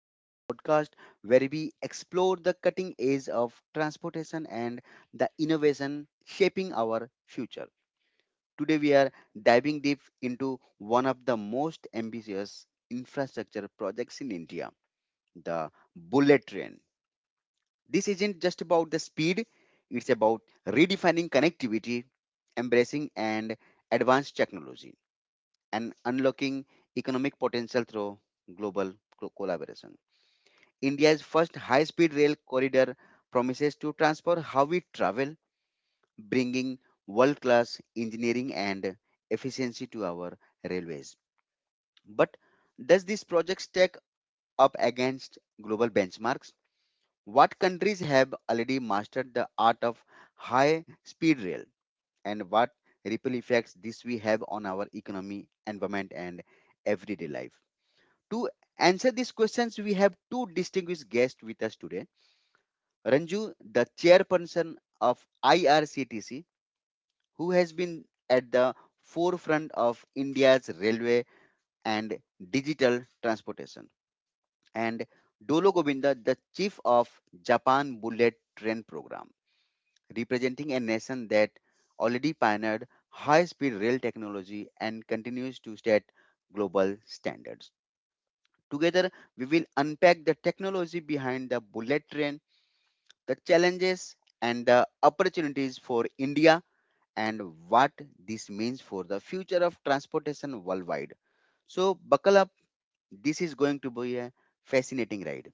podcast where we explore the cutting edge of transportation and the innovation shaping our future. Today, we are diving deep into one of the most ambitious infrastructure projects in India, the bullet train. This isn't just about the speed, it's about redefining connectivity, embracing, and advanced technology and unlocking economic potential through global collaboration. India's first high speed rail corridor promises to transform how we travel, bringing world class engineering and efficiency to our railways. But does this project stack up against global benchmarks? What countries have already mastered the art of high speed rail, and what ripple effects this we have on our economy, environment, and everyday life? To answer these questions, we have two distinguished guests with us today. Anju, the chairperson of IRCTC, who has been at the forefront of India's railway and digital transportation, and Dolo Govinda, the chief of Japan Bullet Train Program, representing a nation that already pioneered high-speed rail technology and continues to set global standards. Together, we will unpack the technology behind the bullet train, the challenges and the opportunities for India, and what this means for the future of transportation worldwide. So, buckle up. This is going to be a fascinating ride.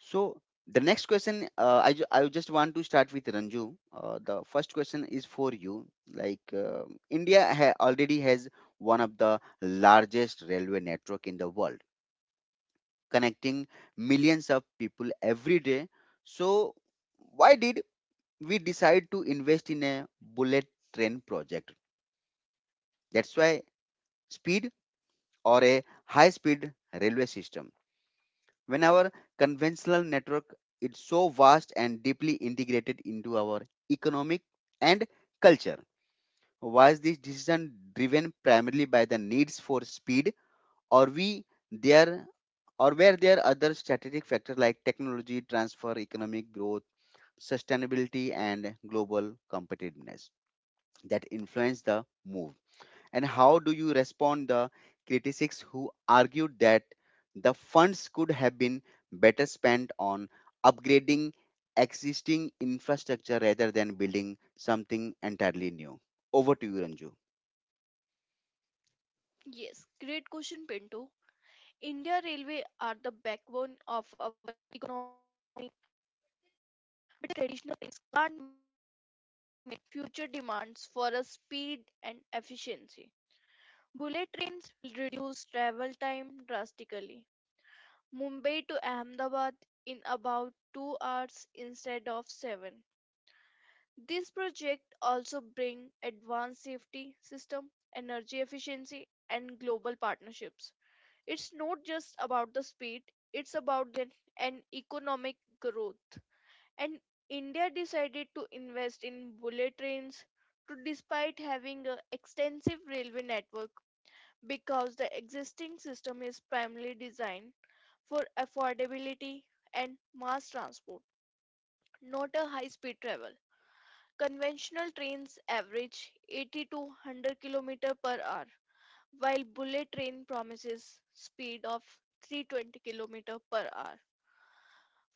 So, the next question, I just want to start with Ranju. The first question is for you. Like, uh, India already has one of the largest railway network in the world connecting millions of people every day. So, why did we decide to invest in a bullet train project? That's why speed or a high speed railway system. When our conventional network is so vast and deeply integrated into our economic and culture, was this decision driven primarily by the needs for speed or we there or were there other strategic factors like technology transfer, economic growth, sustainability, and global competitiveness that influence the move? And how do you respond the critics who argued that the funds could have been better spent on upgrading existing infrastructure rather than building something entirely new? Over to you, Ranju. Yes, great question, Pinto. India Railway are the backbone of our economy. Traditional can't meet future demands for a speed and efficiency. Bullet trains will reduce travel time drastically. Mumbai to Ahmedabad in about 2 hours instead of 7. This project also bring advanced safety system, energy efficiency and global partnerships. It's not just about the speed, it's about growth and economic growth. And India decided to invest in bullet trains to despite having an extensive railway network, because the existing system is primarily designed for affordability and mass transport, not a high speed travel. Conventional trains average 80 to 100 km per hour, while bullet train promises speed of 320 km per hour.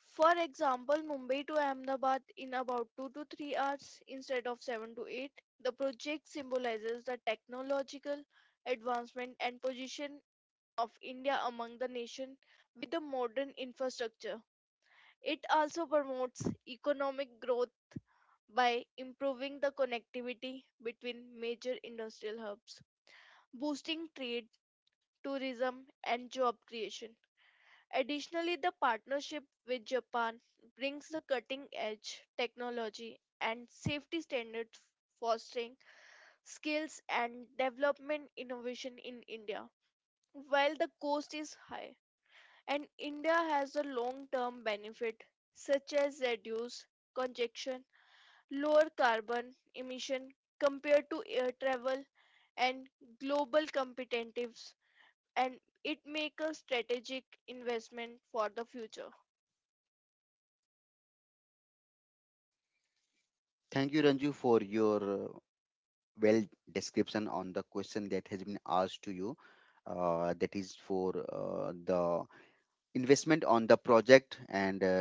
For example, Mumbai to Ahmedabad in about 2 to 3 hours instead of 7 to 8. The project symbolizes the technological advancement and position of India among the nation with the modern infrastructure. It also promotes economic growth by improving the connectivity between major industrial hubs, boosting trade, tourism and job creation. Additionally, the partnership with Japan brings the cutting edge technology and safety standards, fostering skills and development innovation in India. While the cost is high, and India has a long term benefit such as reduced congestion, lower carbon emission compared to air travel, and global competitiveness, and it makes a strategic investment for the future. Thank you, Ranju, for your well description on the question that has been asked to you. That is for the investment on the project and uh,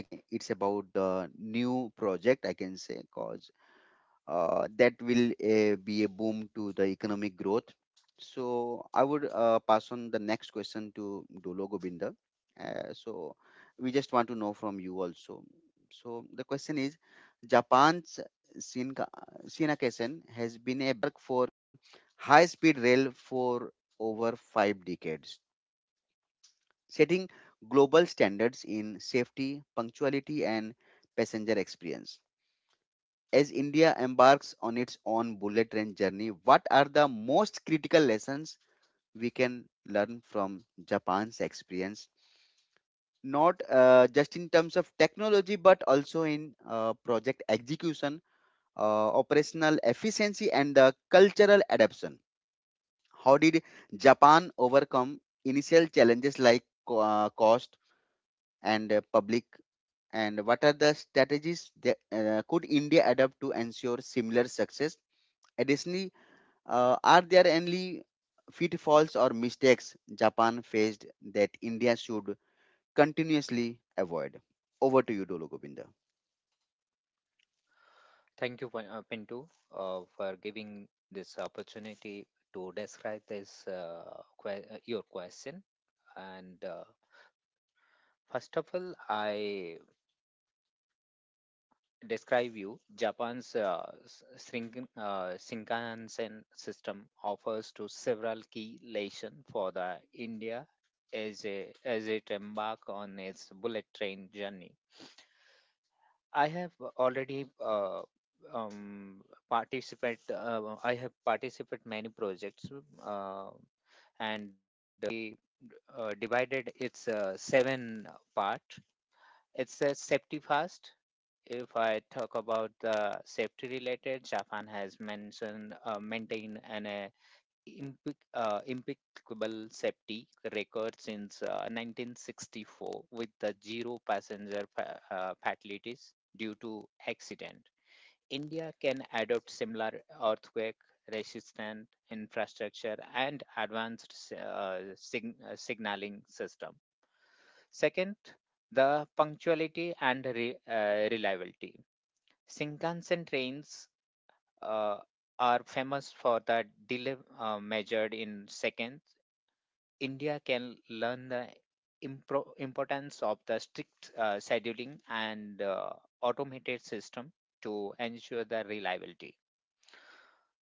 I can, it's about the new project I can say because that will be a boom to the economic growth. So I would pass on the next question to Dolo Govinda. So we just want to know from you also. So the question is, Japan's Shinka, Shinkansen has been a benchmark for high-speed rail for over five decades, setting global standards in safety, punctuality, and passenger experience. As India embarks on its own bullet train journey, what are the most critical lessons we can learn from Japan's experience? Not just in terms of technology, but also in project execution, operational efficiency, and the cultural adaptation. How did Japan overcome initial challenges like cost and public? And what are the strategies that could India adopt to ensure similar success? Additionally, are there any pitfalls or mistakes Japan faced that India should continuously avoid? Over to you, Dolo Govinda. Thank you, Pinto, for giving this opportunity to describe this your question. And first of all, I describe you Japan's Shinkansen system offers to several key lessons for the India as it embark on its bullet train journey. I have already um, participate. I have participated many projects, uh, and they divided its seven part. It's a safety first. If I talk about the safety related, Japan has mentioned maintain an impeccable safety record since 1964 with the zero passenger fatalities due to accident. India can adopt similar earthquake resistant infrastructure and advanced signaling system. Second, the punctuality and reliability. Shinkansen trains uh, are famous for the delay measured in seconds, India can learn the importance of the strict scheduling and automated system to ensure the reliability.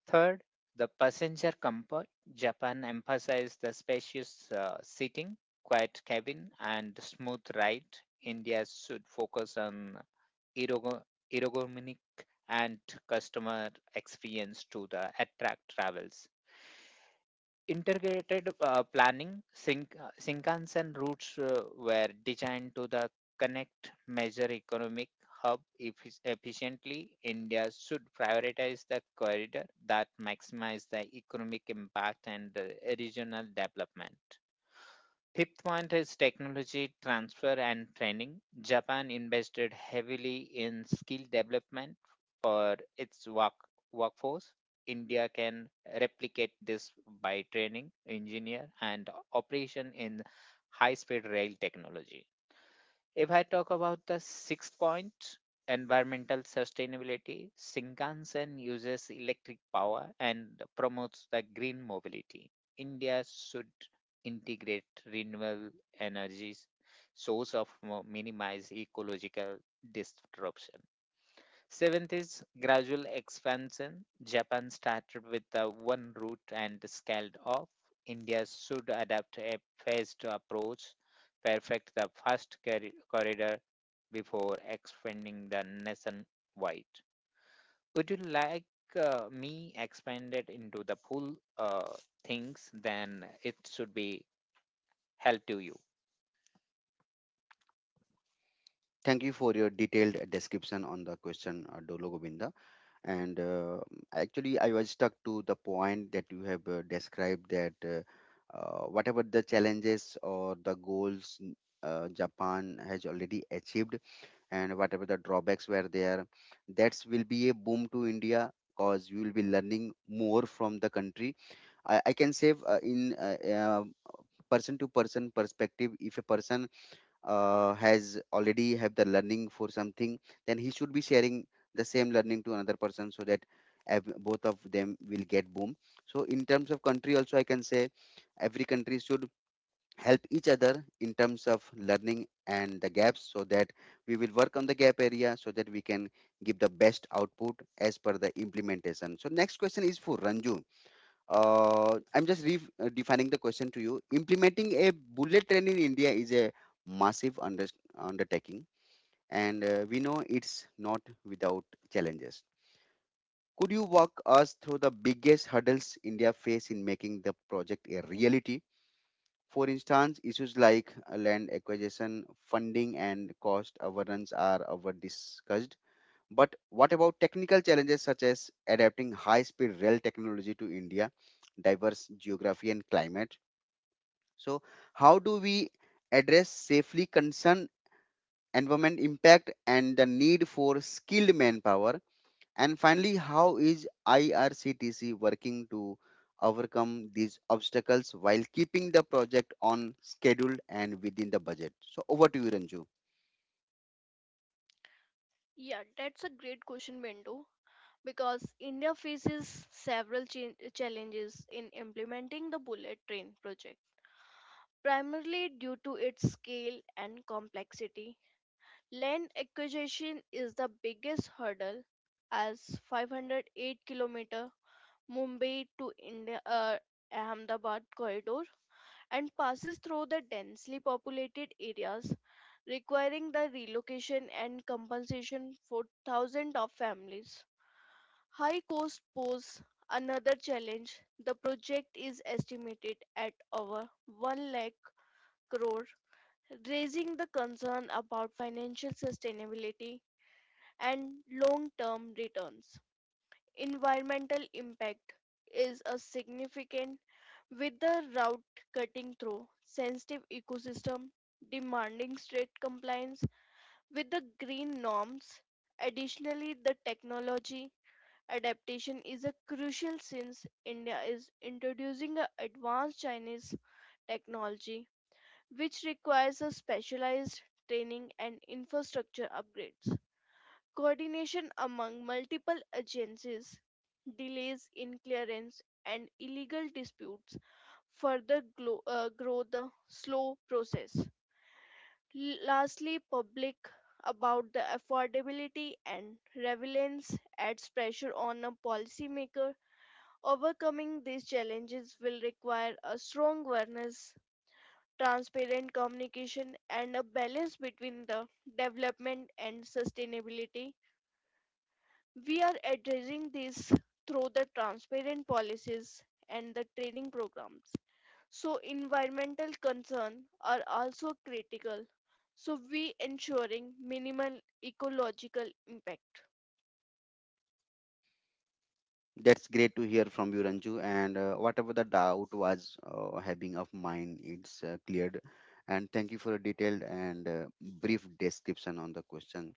Third, the passenger comfort. Japan emphasized the spacious seating, quiet cabin, and smooth ride. India should focus on ergo- ergonomic and customer experience to the attract travels. Integrated planning, Shinkansen routes were designed to the connect major economic hub efficiently. India should prioritize the corridor that maximize the economic impact and regional development. Fifth point is technology transfer and training. Japan invested heavily in skill development for its workforce. India can replicate this by training engineer and operation in high speed rail technology. If I talk about the sixth point, environmental sustainability, Shinkansen uses electric power and promotes green mobility. India should integrate renewable energies, source of minimize ecological disruption. Seventh is gradual expansion. Japan started with the one route and scaled off. India should adapt a phased approach perfect the first corridor before expanding the nationwide. Would you like me expanded into the full things? Then it should be help to you. Thank you for your detailed description on the question, Dolo Govinda. And Actually, I was stuck to the point that you have described that whatever the challenges or the goals Japan has already achieved, and whatever the drawbacks were there that will be a boom to India because you will be learning more from the country, I can say in person to person perspective. If a person has already have the learning for something, then he should be sharing the same learning to another person, so that both of them will get boom. So in terms of country also, I can say every country should help each other in terms of learning and the gaps, so that we will work on the gap area, so that we can give the best output as per the implementation. So next question is for Ranju. I'm just redefining the question to you. Implementing a bullet train in India is a massive undertaking, and we know it's not without challenges. Do you walk us through the biggest hurdles India face in making the project a reality? For instance, issues like land acquisition, funding, and cost overruns are over discussed. But what about technical challenges such as adapting high speed rail technology to India, diverse geography, and climate? So, how do we address safely concern, environment impact, and the need for skilled manpower? And finally, how is IRCTC working to overcome these obstacles while keeping the project on schedule and within the budget? So over to you, Ranju. Yeah, that's a great question, Bindu, because India faces several challenges in implementing the bullet train project, primarily due to its scale and complexity. Land acquisition is the biggest hurdle, as 508-kilometer Mumbai to India. Ahmedabad corridor and passes through the densely populated areas, requiring the relocation and compensation for thousands of families. High costs pose another challenge. The project is estimated at over 1 lakh crore, raising the concern about financial sustainability and long-term returns. Environmental impact is a significant with the route cutting through sensitive ecosystem demanding strict compliance with the green norms. Additionally, the technology adaptation is a crucial since India is introducing a advanced Chinese technology, which requires a specialized training and infrastructure upgrades. Coordination among multiple agencies, delays in clearance, and illegal dispute further grow the slow process. Lastly, public about the affordability and relevance adds pressure on a policymaker. Overcoming these challenges will require a strong awareness, transparent communication, and a balance between the development and sustainability. We are addressing this through the transparent policies and the training programs. So, environmental concerns are also critical. So, we ensuring minimal ecological impact. It's great to hear from you, Ranju. And Whatever the doubt was having of mine, it's cleared. And thank you for a detailed and brief description on the question.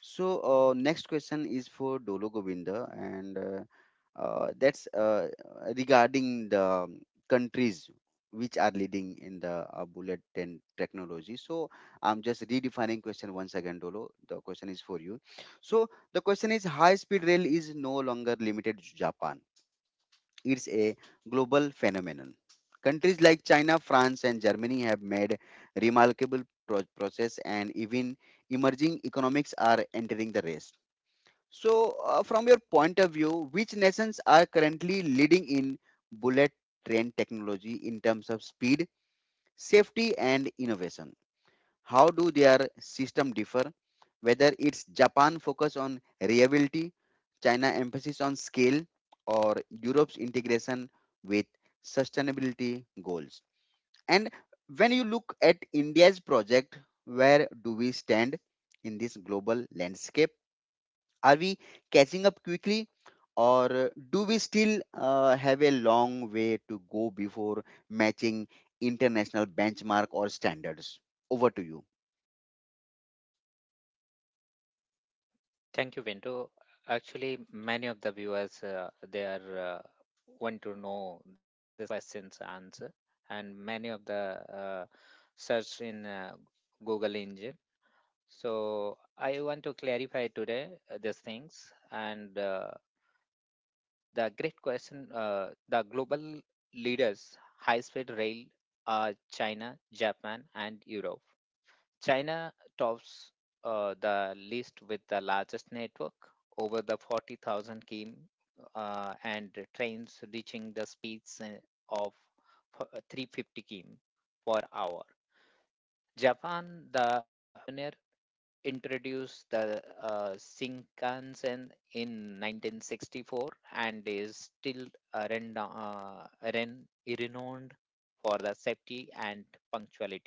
So next question is for Dolo Govinda, and that's regarding the countries which are leading in the bullet 10 technology. So I'm just redefining question once again, Dolo. The question is for you. So the question is, high speed rail is no longer limited to Japan. It's a global phenomenon. Countries like China, France, and Germany have made remarkable process, and even emerging economics are entering the race. So from your point of view, which nations are currently leading in bullet train technology in terms of speed, safety, and innovation? How do their system differ? Whether it's Japan focus on reliability, China emphasis on scale, or Europe's integration with sustainability goals. And when you look at India's project, where do we stand in this global landscape? Are we catching up quickly, or do we still have a long way to go before matching international benchmark or standards? Over to you. Thank you, Vinto. Actually, many of the viewers they are uh, want to know the question's answer, and many of the search in Google engine. So I want to clarify today these things, and the great question. The global leaders, high-speed rail are China, Japan, and Europe. China tops the list with the largest network, over the 40,000 km, and trains reaching the speeds of 350 km per hour. Japan, the pioneer, introduced the Shinkansen in 1964 and is still uh, renda- uh, ren- renowned for the safety and punctuality.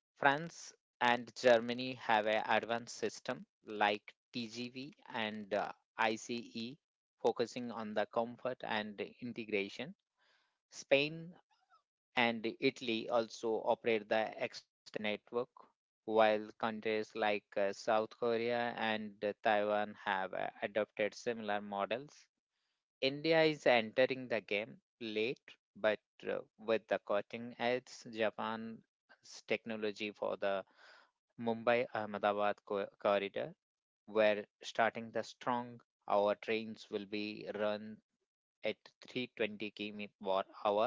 France and Germany have an advanced system like TGV and ICE, focusing on the comfort and integration. Spain and Italy also operate the X network, while countries like South Korea and Taiwan have adopted similar models. India is entering the game late, but with the cutting edge Japan's technology for the Mumbai Ahmedabad corridor, where starting the strong, our trains will be run at 320 km per hour,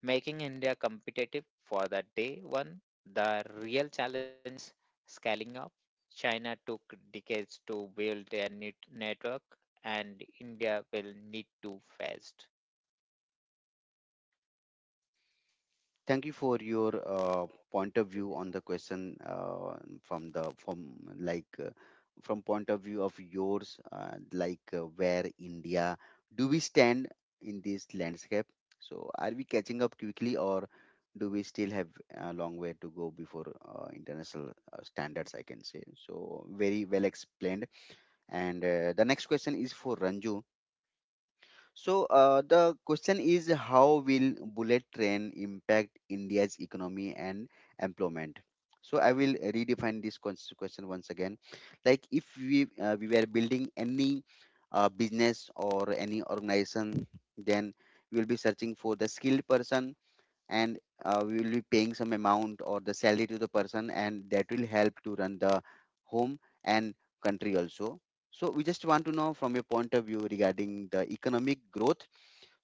making India competitive for the day one. The real challenge is scaling up. China took decades to build their network, and India will need to fast. Thank you for your point of view on the question, from the from like from point of view of yours, where India do we stand in this landscape? So are we catching up quickly, or do we still have a long way to go before international standards? I can say so. Very well explained. And the next question is for Ranju. So the question is, how will bullet train impact India's economy and employment? So I will redefine this question once again. Like if we were building any business or any organization, then we will be searching for the skilled person, and we will be paying some amount or the salary to the person, and that will help to run the home and country also. So we just want to know from your point of view regarding the economic growth.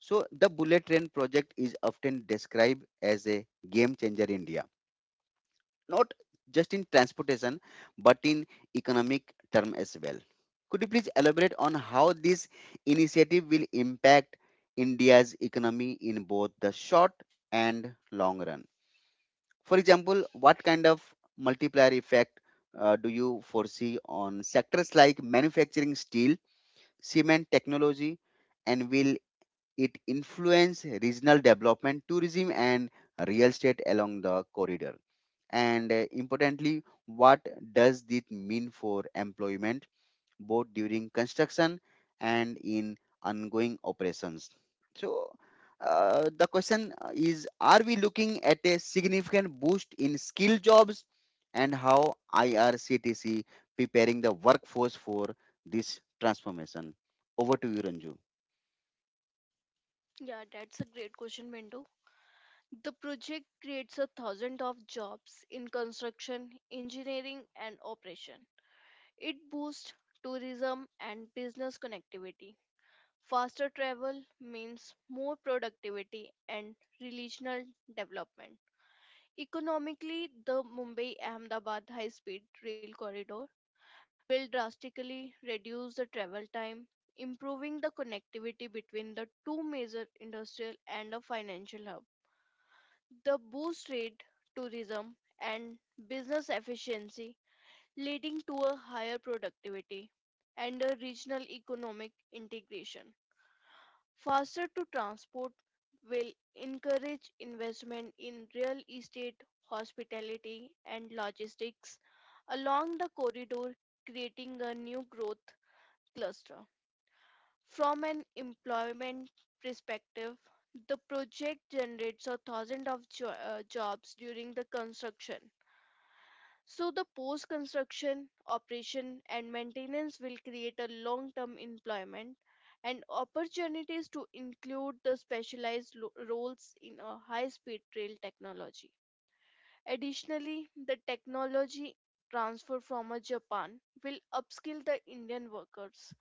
So the bullet train project is often described as a game changer in India, not just in transportation but in economic term as well. Could you please elaborate on how this initiative will impact India's economy in both the short and long run? For example, what kind of multiplier effect do you foresee on sectors like manufacturing, steel, cement, technology, and will it influence regional development, tourism, and real estate along the corridor? And importantly, what does this mean for employment? Both during construction and in ongoing operations. So, the question is, are we looking at a significant boost in skill jobs, and how IRCTC preparing the workforce for this transformation? Over to you, Ranju. Yeah, that's a great question, Bindu. The project creates a thousand of jobs in construction, engineering and operation. It boosts tourism and business connectivity. Faster travel means more productivity and regional development. Economically, the Mumbai Ahmedabad high speed rail corridor will drastically reduce the travel time, improving the connectivity between the two major industrial and a financial hub. The boost trade, tourism, and business efficiency, leading to a higher productivity and a regional economic integration. Faster to transport will encourage investment in real estate, hospitality, and logistics along the corridor, creating a new growth cluster. From an employment perspective, the project generates a thousand of jobs during the construction. So the post construction operation and maintenance will create a long term employment and opportunities to include the specialized roles in a high speed rail technology. Additionally, the technology transfer from a Japan will upskill the Indian workers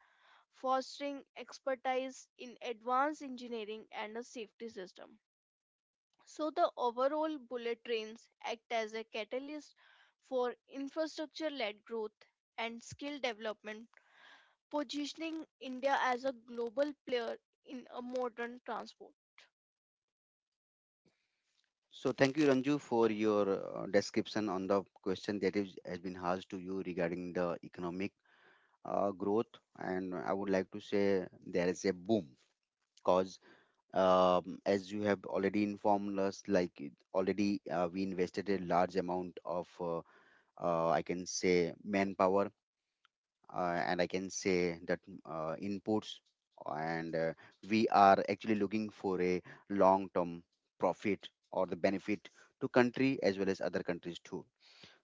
fostering expertise in advanced engineering and a safety system. So, the overall bullet trains act as a catalyst for infrastructure led growth and skill development, positioning India as a global player in a modern transport. So, thank you, Ranju, for your description on the question that has been asked to you regarding the economic growth. And I would like to say there is a boom because as you have already informed us, already we invested a large amount of, I can say, manpower, and I can say that inputs, and we are actually looking for a long-term profit or the benefit to country as well as other countries too.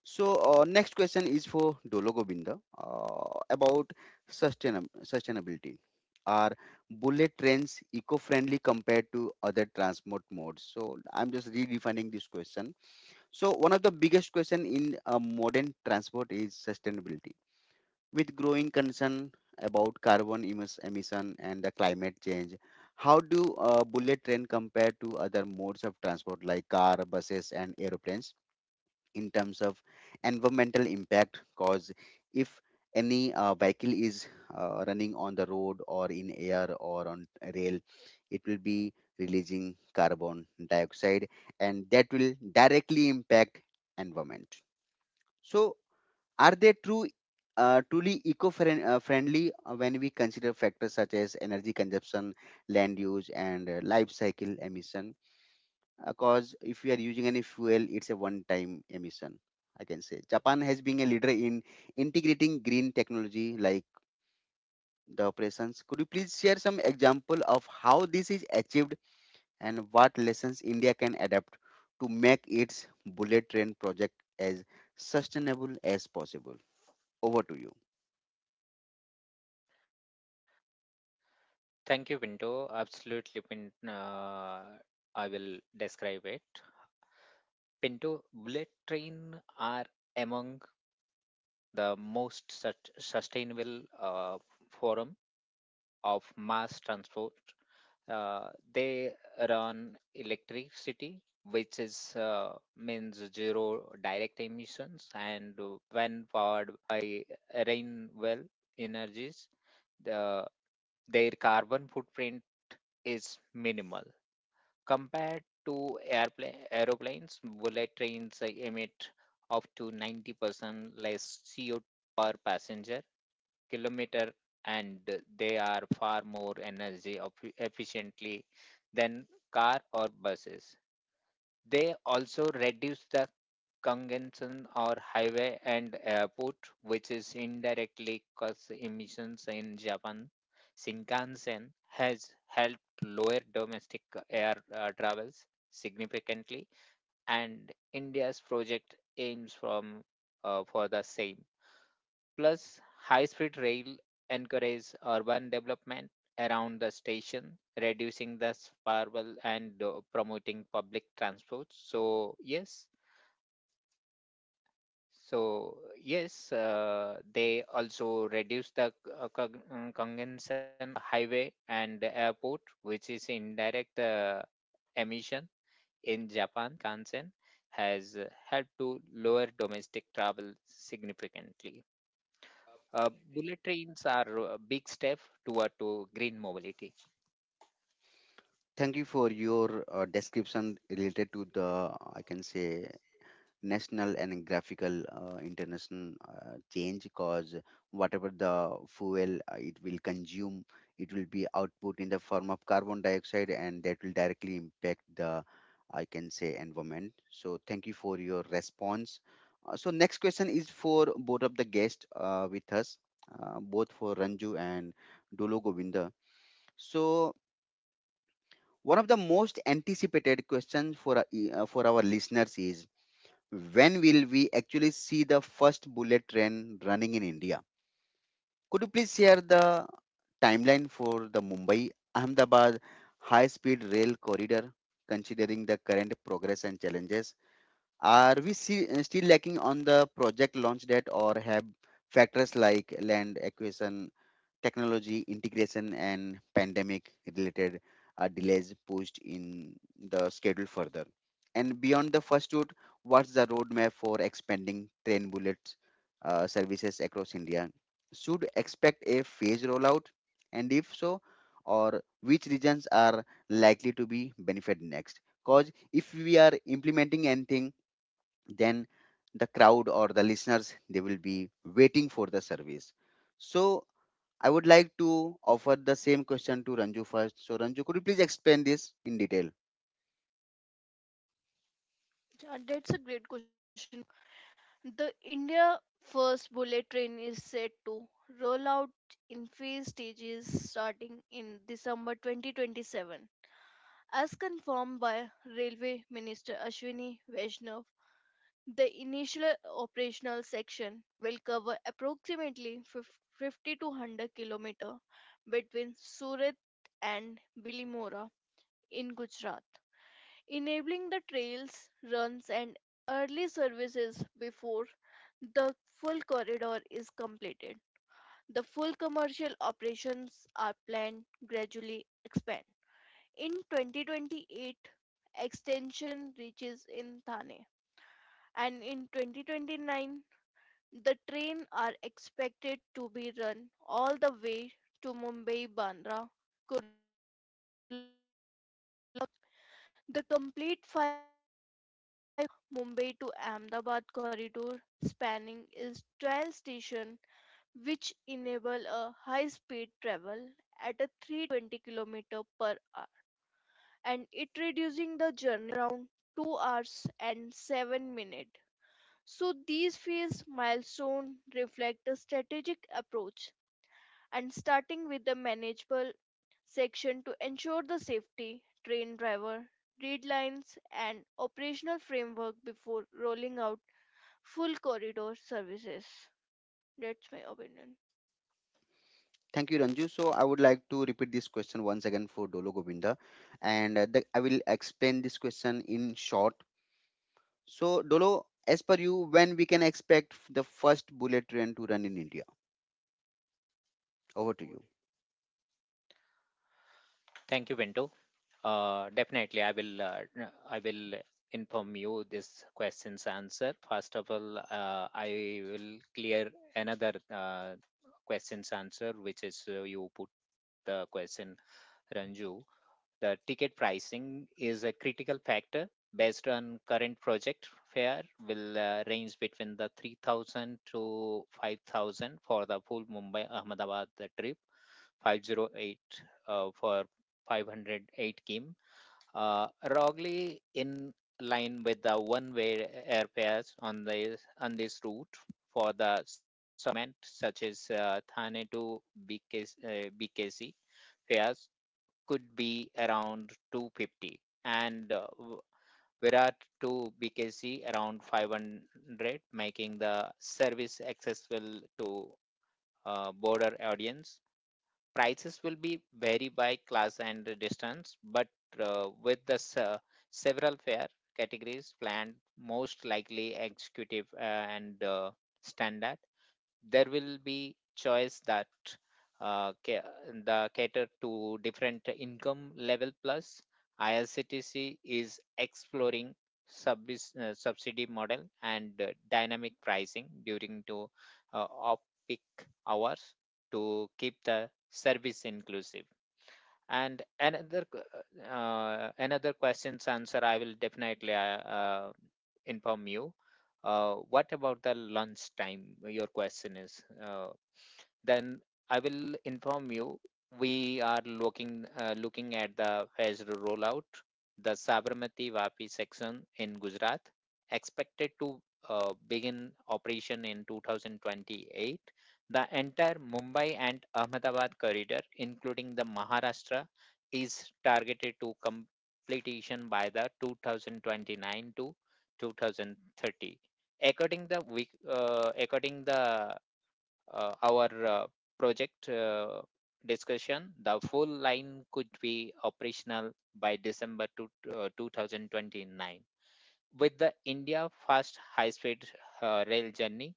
So, next question is for Dolo Govinda about sustainability. Are bullet trains eco-friendly compared to other transport modes? So, I'm just redefining this question. So, one of the biggest question in modern transport is sustainability. With growing concern about carbon emission and the climate change, how do bullet train compare to other modes of transport like car, buses, and aeroplanes? In terms of environmental impact, cause if any vehicle is running on the road or in air or on rail, it will be releasing carbon dioxide, and that will directly impact environment. So are they true truly eco-friendly friendly, when we consider factors such as energy consumption, land use, and life cycle emission? Because if we are using any fuel, it's a one-time emission. I can say Japan has been a leader in integrating green technology like operations. Could you please share some example of how this is achieved and what lessons India can adapt to make its bullet train project as sustainable as possible? Over to you. Thank you, Pinto. Absolutely, I will describe it. Pinto, bullet train are among the most sustainable form of mass transport. They run electricity, which is means zero direct emissions, and when powered I by well energies, the, their carbon footprint is minimal compared to airplane, aeroplanes. Bullet trains emit up to 90% less CO per passenger kilometer, and they are far more energy efficiently than car or buses. They also reduce the congestion or highway and airport, which is indirectly cause emissions in Japan. Shinkansen has helped lower domestic air travels significantly, and India's project aims from for the same. Plus, high speed rail encourages urban development around the station, reducing the sprawl and promoting public transport. So, yes. So, yes, they also reduce the congestion highway and the airport, which is indirect emission in Japan. Kansen has helped to lower domestic travel significantly. Bullet trains are a big step toward to green mobility. Thank you for your description related to the I can say national and graphical international change cause whatever the fuel it will consume, it will be output in the form of carbon dioxide and that will directly impact the I can say environment, so thank you for your response. So next question is for both of the guests with us, both for Ranju and Dolo Govinda. So one of the most anticipated questions for for our listeners is, when will we actually see the first bullet train running in India? Could you please share the timeline for the Mumbai Ahmedabad high speed rail corridor, considering the current progress and challenges? Are we see, still lacking on the project launch date, or have factors like land acquisition, technology integration and pandemic related delays pushed in the schedule further. And beyond the first route, what's the roadmap for expanding train bullets services across India? Should expect a phased rollout, and if so, or which regions are likely to be benefited next? Because if we are implementing anything, then the crowd or the listeners, they will be waiting for the service. So I would like to offer the same question to Ranju first. So, Ranju, could you please explain this in detail? Yeah, that's a great question. The India first bullet train is set to roll out in phase stages starting in December 2027, as confirmed by Railway Minister Ashwini Vaishnav. The initial operational section will cover approximately 50 to 100 km between Surat and Bilimora in Gujarat, enabling the trails, runs, and early services before the full corridor is completed. The full commercial operations are planned gradually expand. In 2028, extension reaches in Thane, and in 2029, the train are expected to be run all the way to Mumbai Bandra. The complete five Mumbai to Ahmedabad corridor spanning is 12 stations, which enable a high-speed travel at a 320 km per hour, and it reducing around 2 hours and 7 minutes. So these phase milestones reflect a strategic approach and starting with the manageable section to ensure the safety, train driver, read lines and operational framework before rolling out full corridor services. That's my opinion. Thank you, Ranju. So, I would like to repeat this question once again for Dolo Govinda, and I will explain this question in short. So, Dolo, as per you, when we can expect the first bullet train to run in India? Over to you. Thank you, Pinto. Definitely, I will inform you this question's answer. First of all, I will clear another question's answer, which is you put the question, Ranju. The ticket pricing is a critical factor. Based on current project fare, will range between the 3,000 to 5,000 for the full Mumbai Ahmedabad trip, 508 uh, for 508 km. Uh, Roughly in line with the one-way airfares on this route for the cement such as Thane to BKC fares could be around 250 and Virat to BKC around 500, making the service accessible to broader audience. Prices will be vary by class and the distance, but with the several fare categories planned, most likely executive and standard there will be choice that uh, ca- the cater to different income level plus IRCTC is exploring subsidy model and dynamic pricing during to off peak hours to keep the service inclusive and another another question's answer I will definitely inform you what about the lunch time your question is then I will inform you we are looking looking at the phased rollout the Sabarmati Vapi section in Gujarat expected to begin operation in 2028 the entire Mumbai and Ahmedabad corridor, including the Maharashtra, is targeted to completion by the 2029 to 2030. According the our project discussion, the full line could be operational by December 2029. The India fast high speed rail journey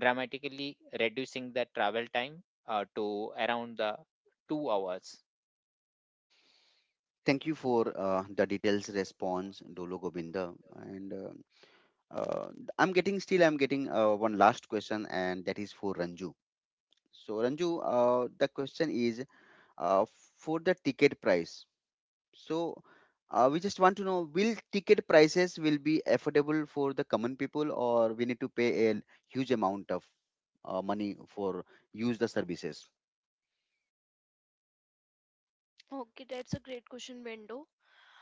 dramatically reducing the travel time to around the 2 hours. Thank you for the details response, Dolo Govinda, and. Uh, I'm getting still I'm getting one last question, and that is for Ranju. So Ranju, the question is uh, for the ticket price. So we just want to know, will ticket prices will be affordable for the common people, or we need to pay a huge amount of money for use the services? Okay, that's a great question, Bendo.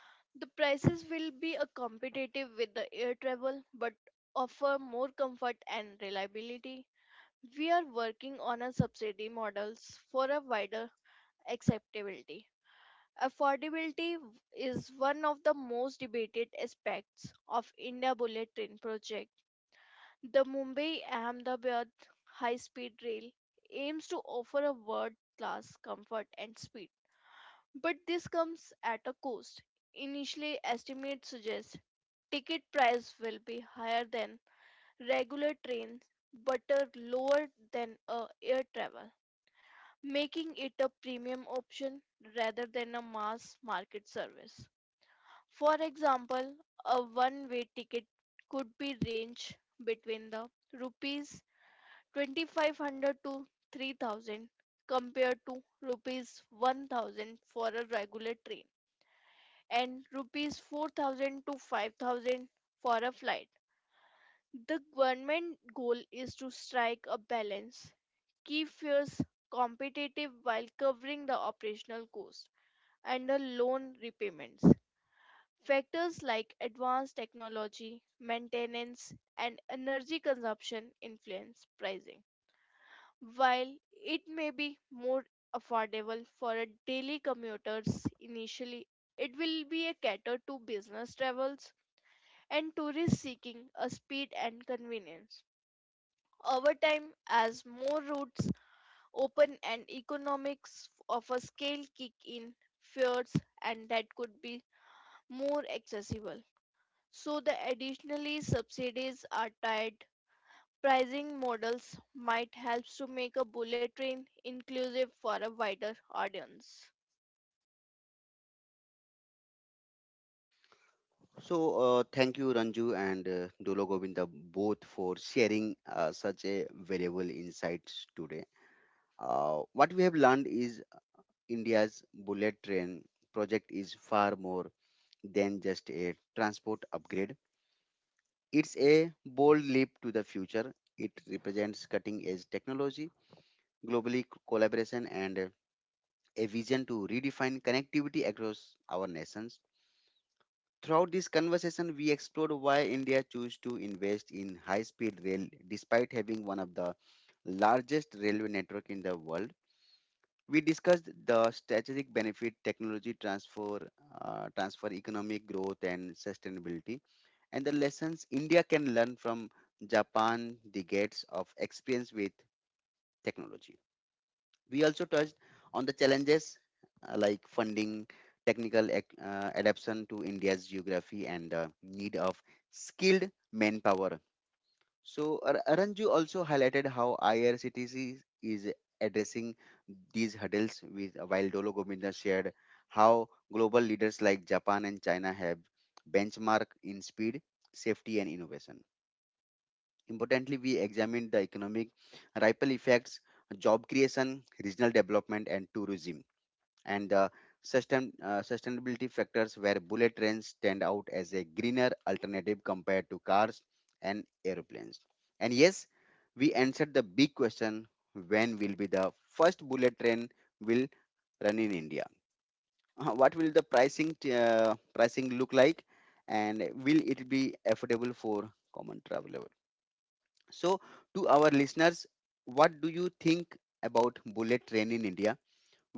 The prices will be a competitive with the air travel but offer more comfort and reliability. We are working on a subsidy models for a wider acceptability. Affordability w- is one of the most debated aspects of India Bullet Train project. The Mumbai Ahmedabad high speed rail aims to offer a world class comfort and speed, but this comes at a cost. Initially, estimates suggest ticket price will be higher than regular trains but are lower than air travel, making it a premium option rather than a mass market service. For example, a one-way ticket could be range between the rupees 2,500 to 3,000 compared to rupees 1,000 for a regular train and rupees 4,000 to 5,000 for a flight. The government goal is to strike a balance, keep fares competitive while covering the operational cost and the loan repayments. Factors like advanced technology, maintenance, and energy consumption influence pricing. While it may be more affordable for a daily commuters initially, it will be a cater to business travels and tourists seeking a speed and convenience. Over time, as more routes open and economics of a scale kick in, fears and that could be more accessible. So the additionally subsidies are tied pricing models might help to make a bullet train inclusive for a wider audience. So thank you Ranju and Dolo Govinda, both for sharing such a valuable insights today. What we have learned is India's bullet train project is far more than just a transport upgrade. It's a bold leap to the future. It represents cutting edge technology, collaboration, and a vision to redefine connectivity across our nations. Throughout this conversation, we explored why India chose to invest in high speed rail despite having one of the largest railway network in the world. We discussed the strategic benefit technology transfer, transfer economic growth, and sustainability, and the lessons India can learn from Japan decades of experience with technology. We also touched on the challenges like funding, technical adaptation to India's geography, and the need of skilled manpower. So, Aranju also highlighted how IRCTC is addressing these hurdles with while Dolo Govinda shared how global leaders like Japan and China have benchmark in speed, safety, and innovation. Importantly, we examined the economic ripple effects, job creation, regional development, and tourism, and the sustainability factors where bullet trains stand out as a greener alternative compared to cars and airplanes. And yes, we answered the big question, when will be the first bullet train will run in India? What will the pricing look like? And will it be affordable for common traveler? So, to our listeners, what do you think about bullet train in India?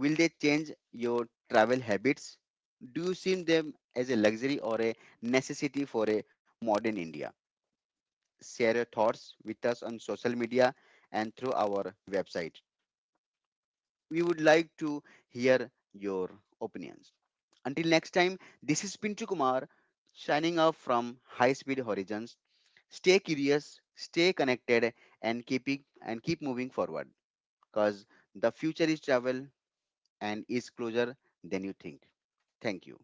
Will they change your travel habits? Do you see them as a luxury or a necessity for a modern India? Share your thoughts with us on social media and through our website. We would like to hear your opinions. Until next time, this is Pintu Kumar signing off from High Speed Horizons. Stay curious, stay connected, and and keep moving forward. Because the future is travel and is closer than you think. Thank you.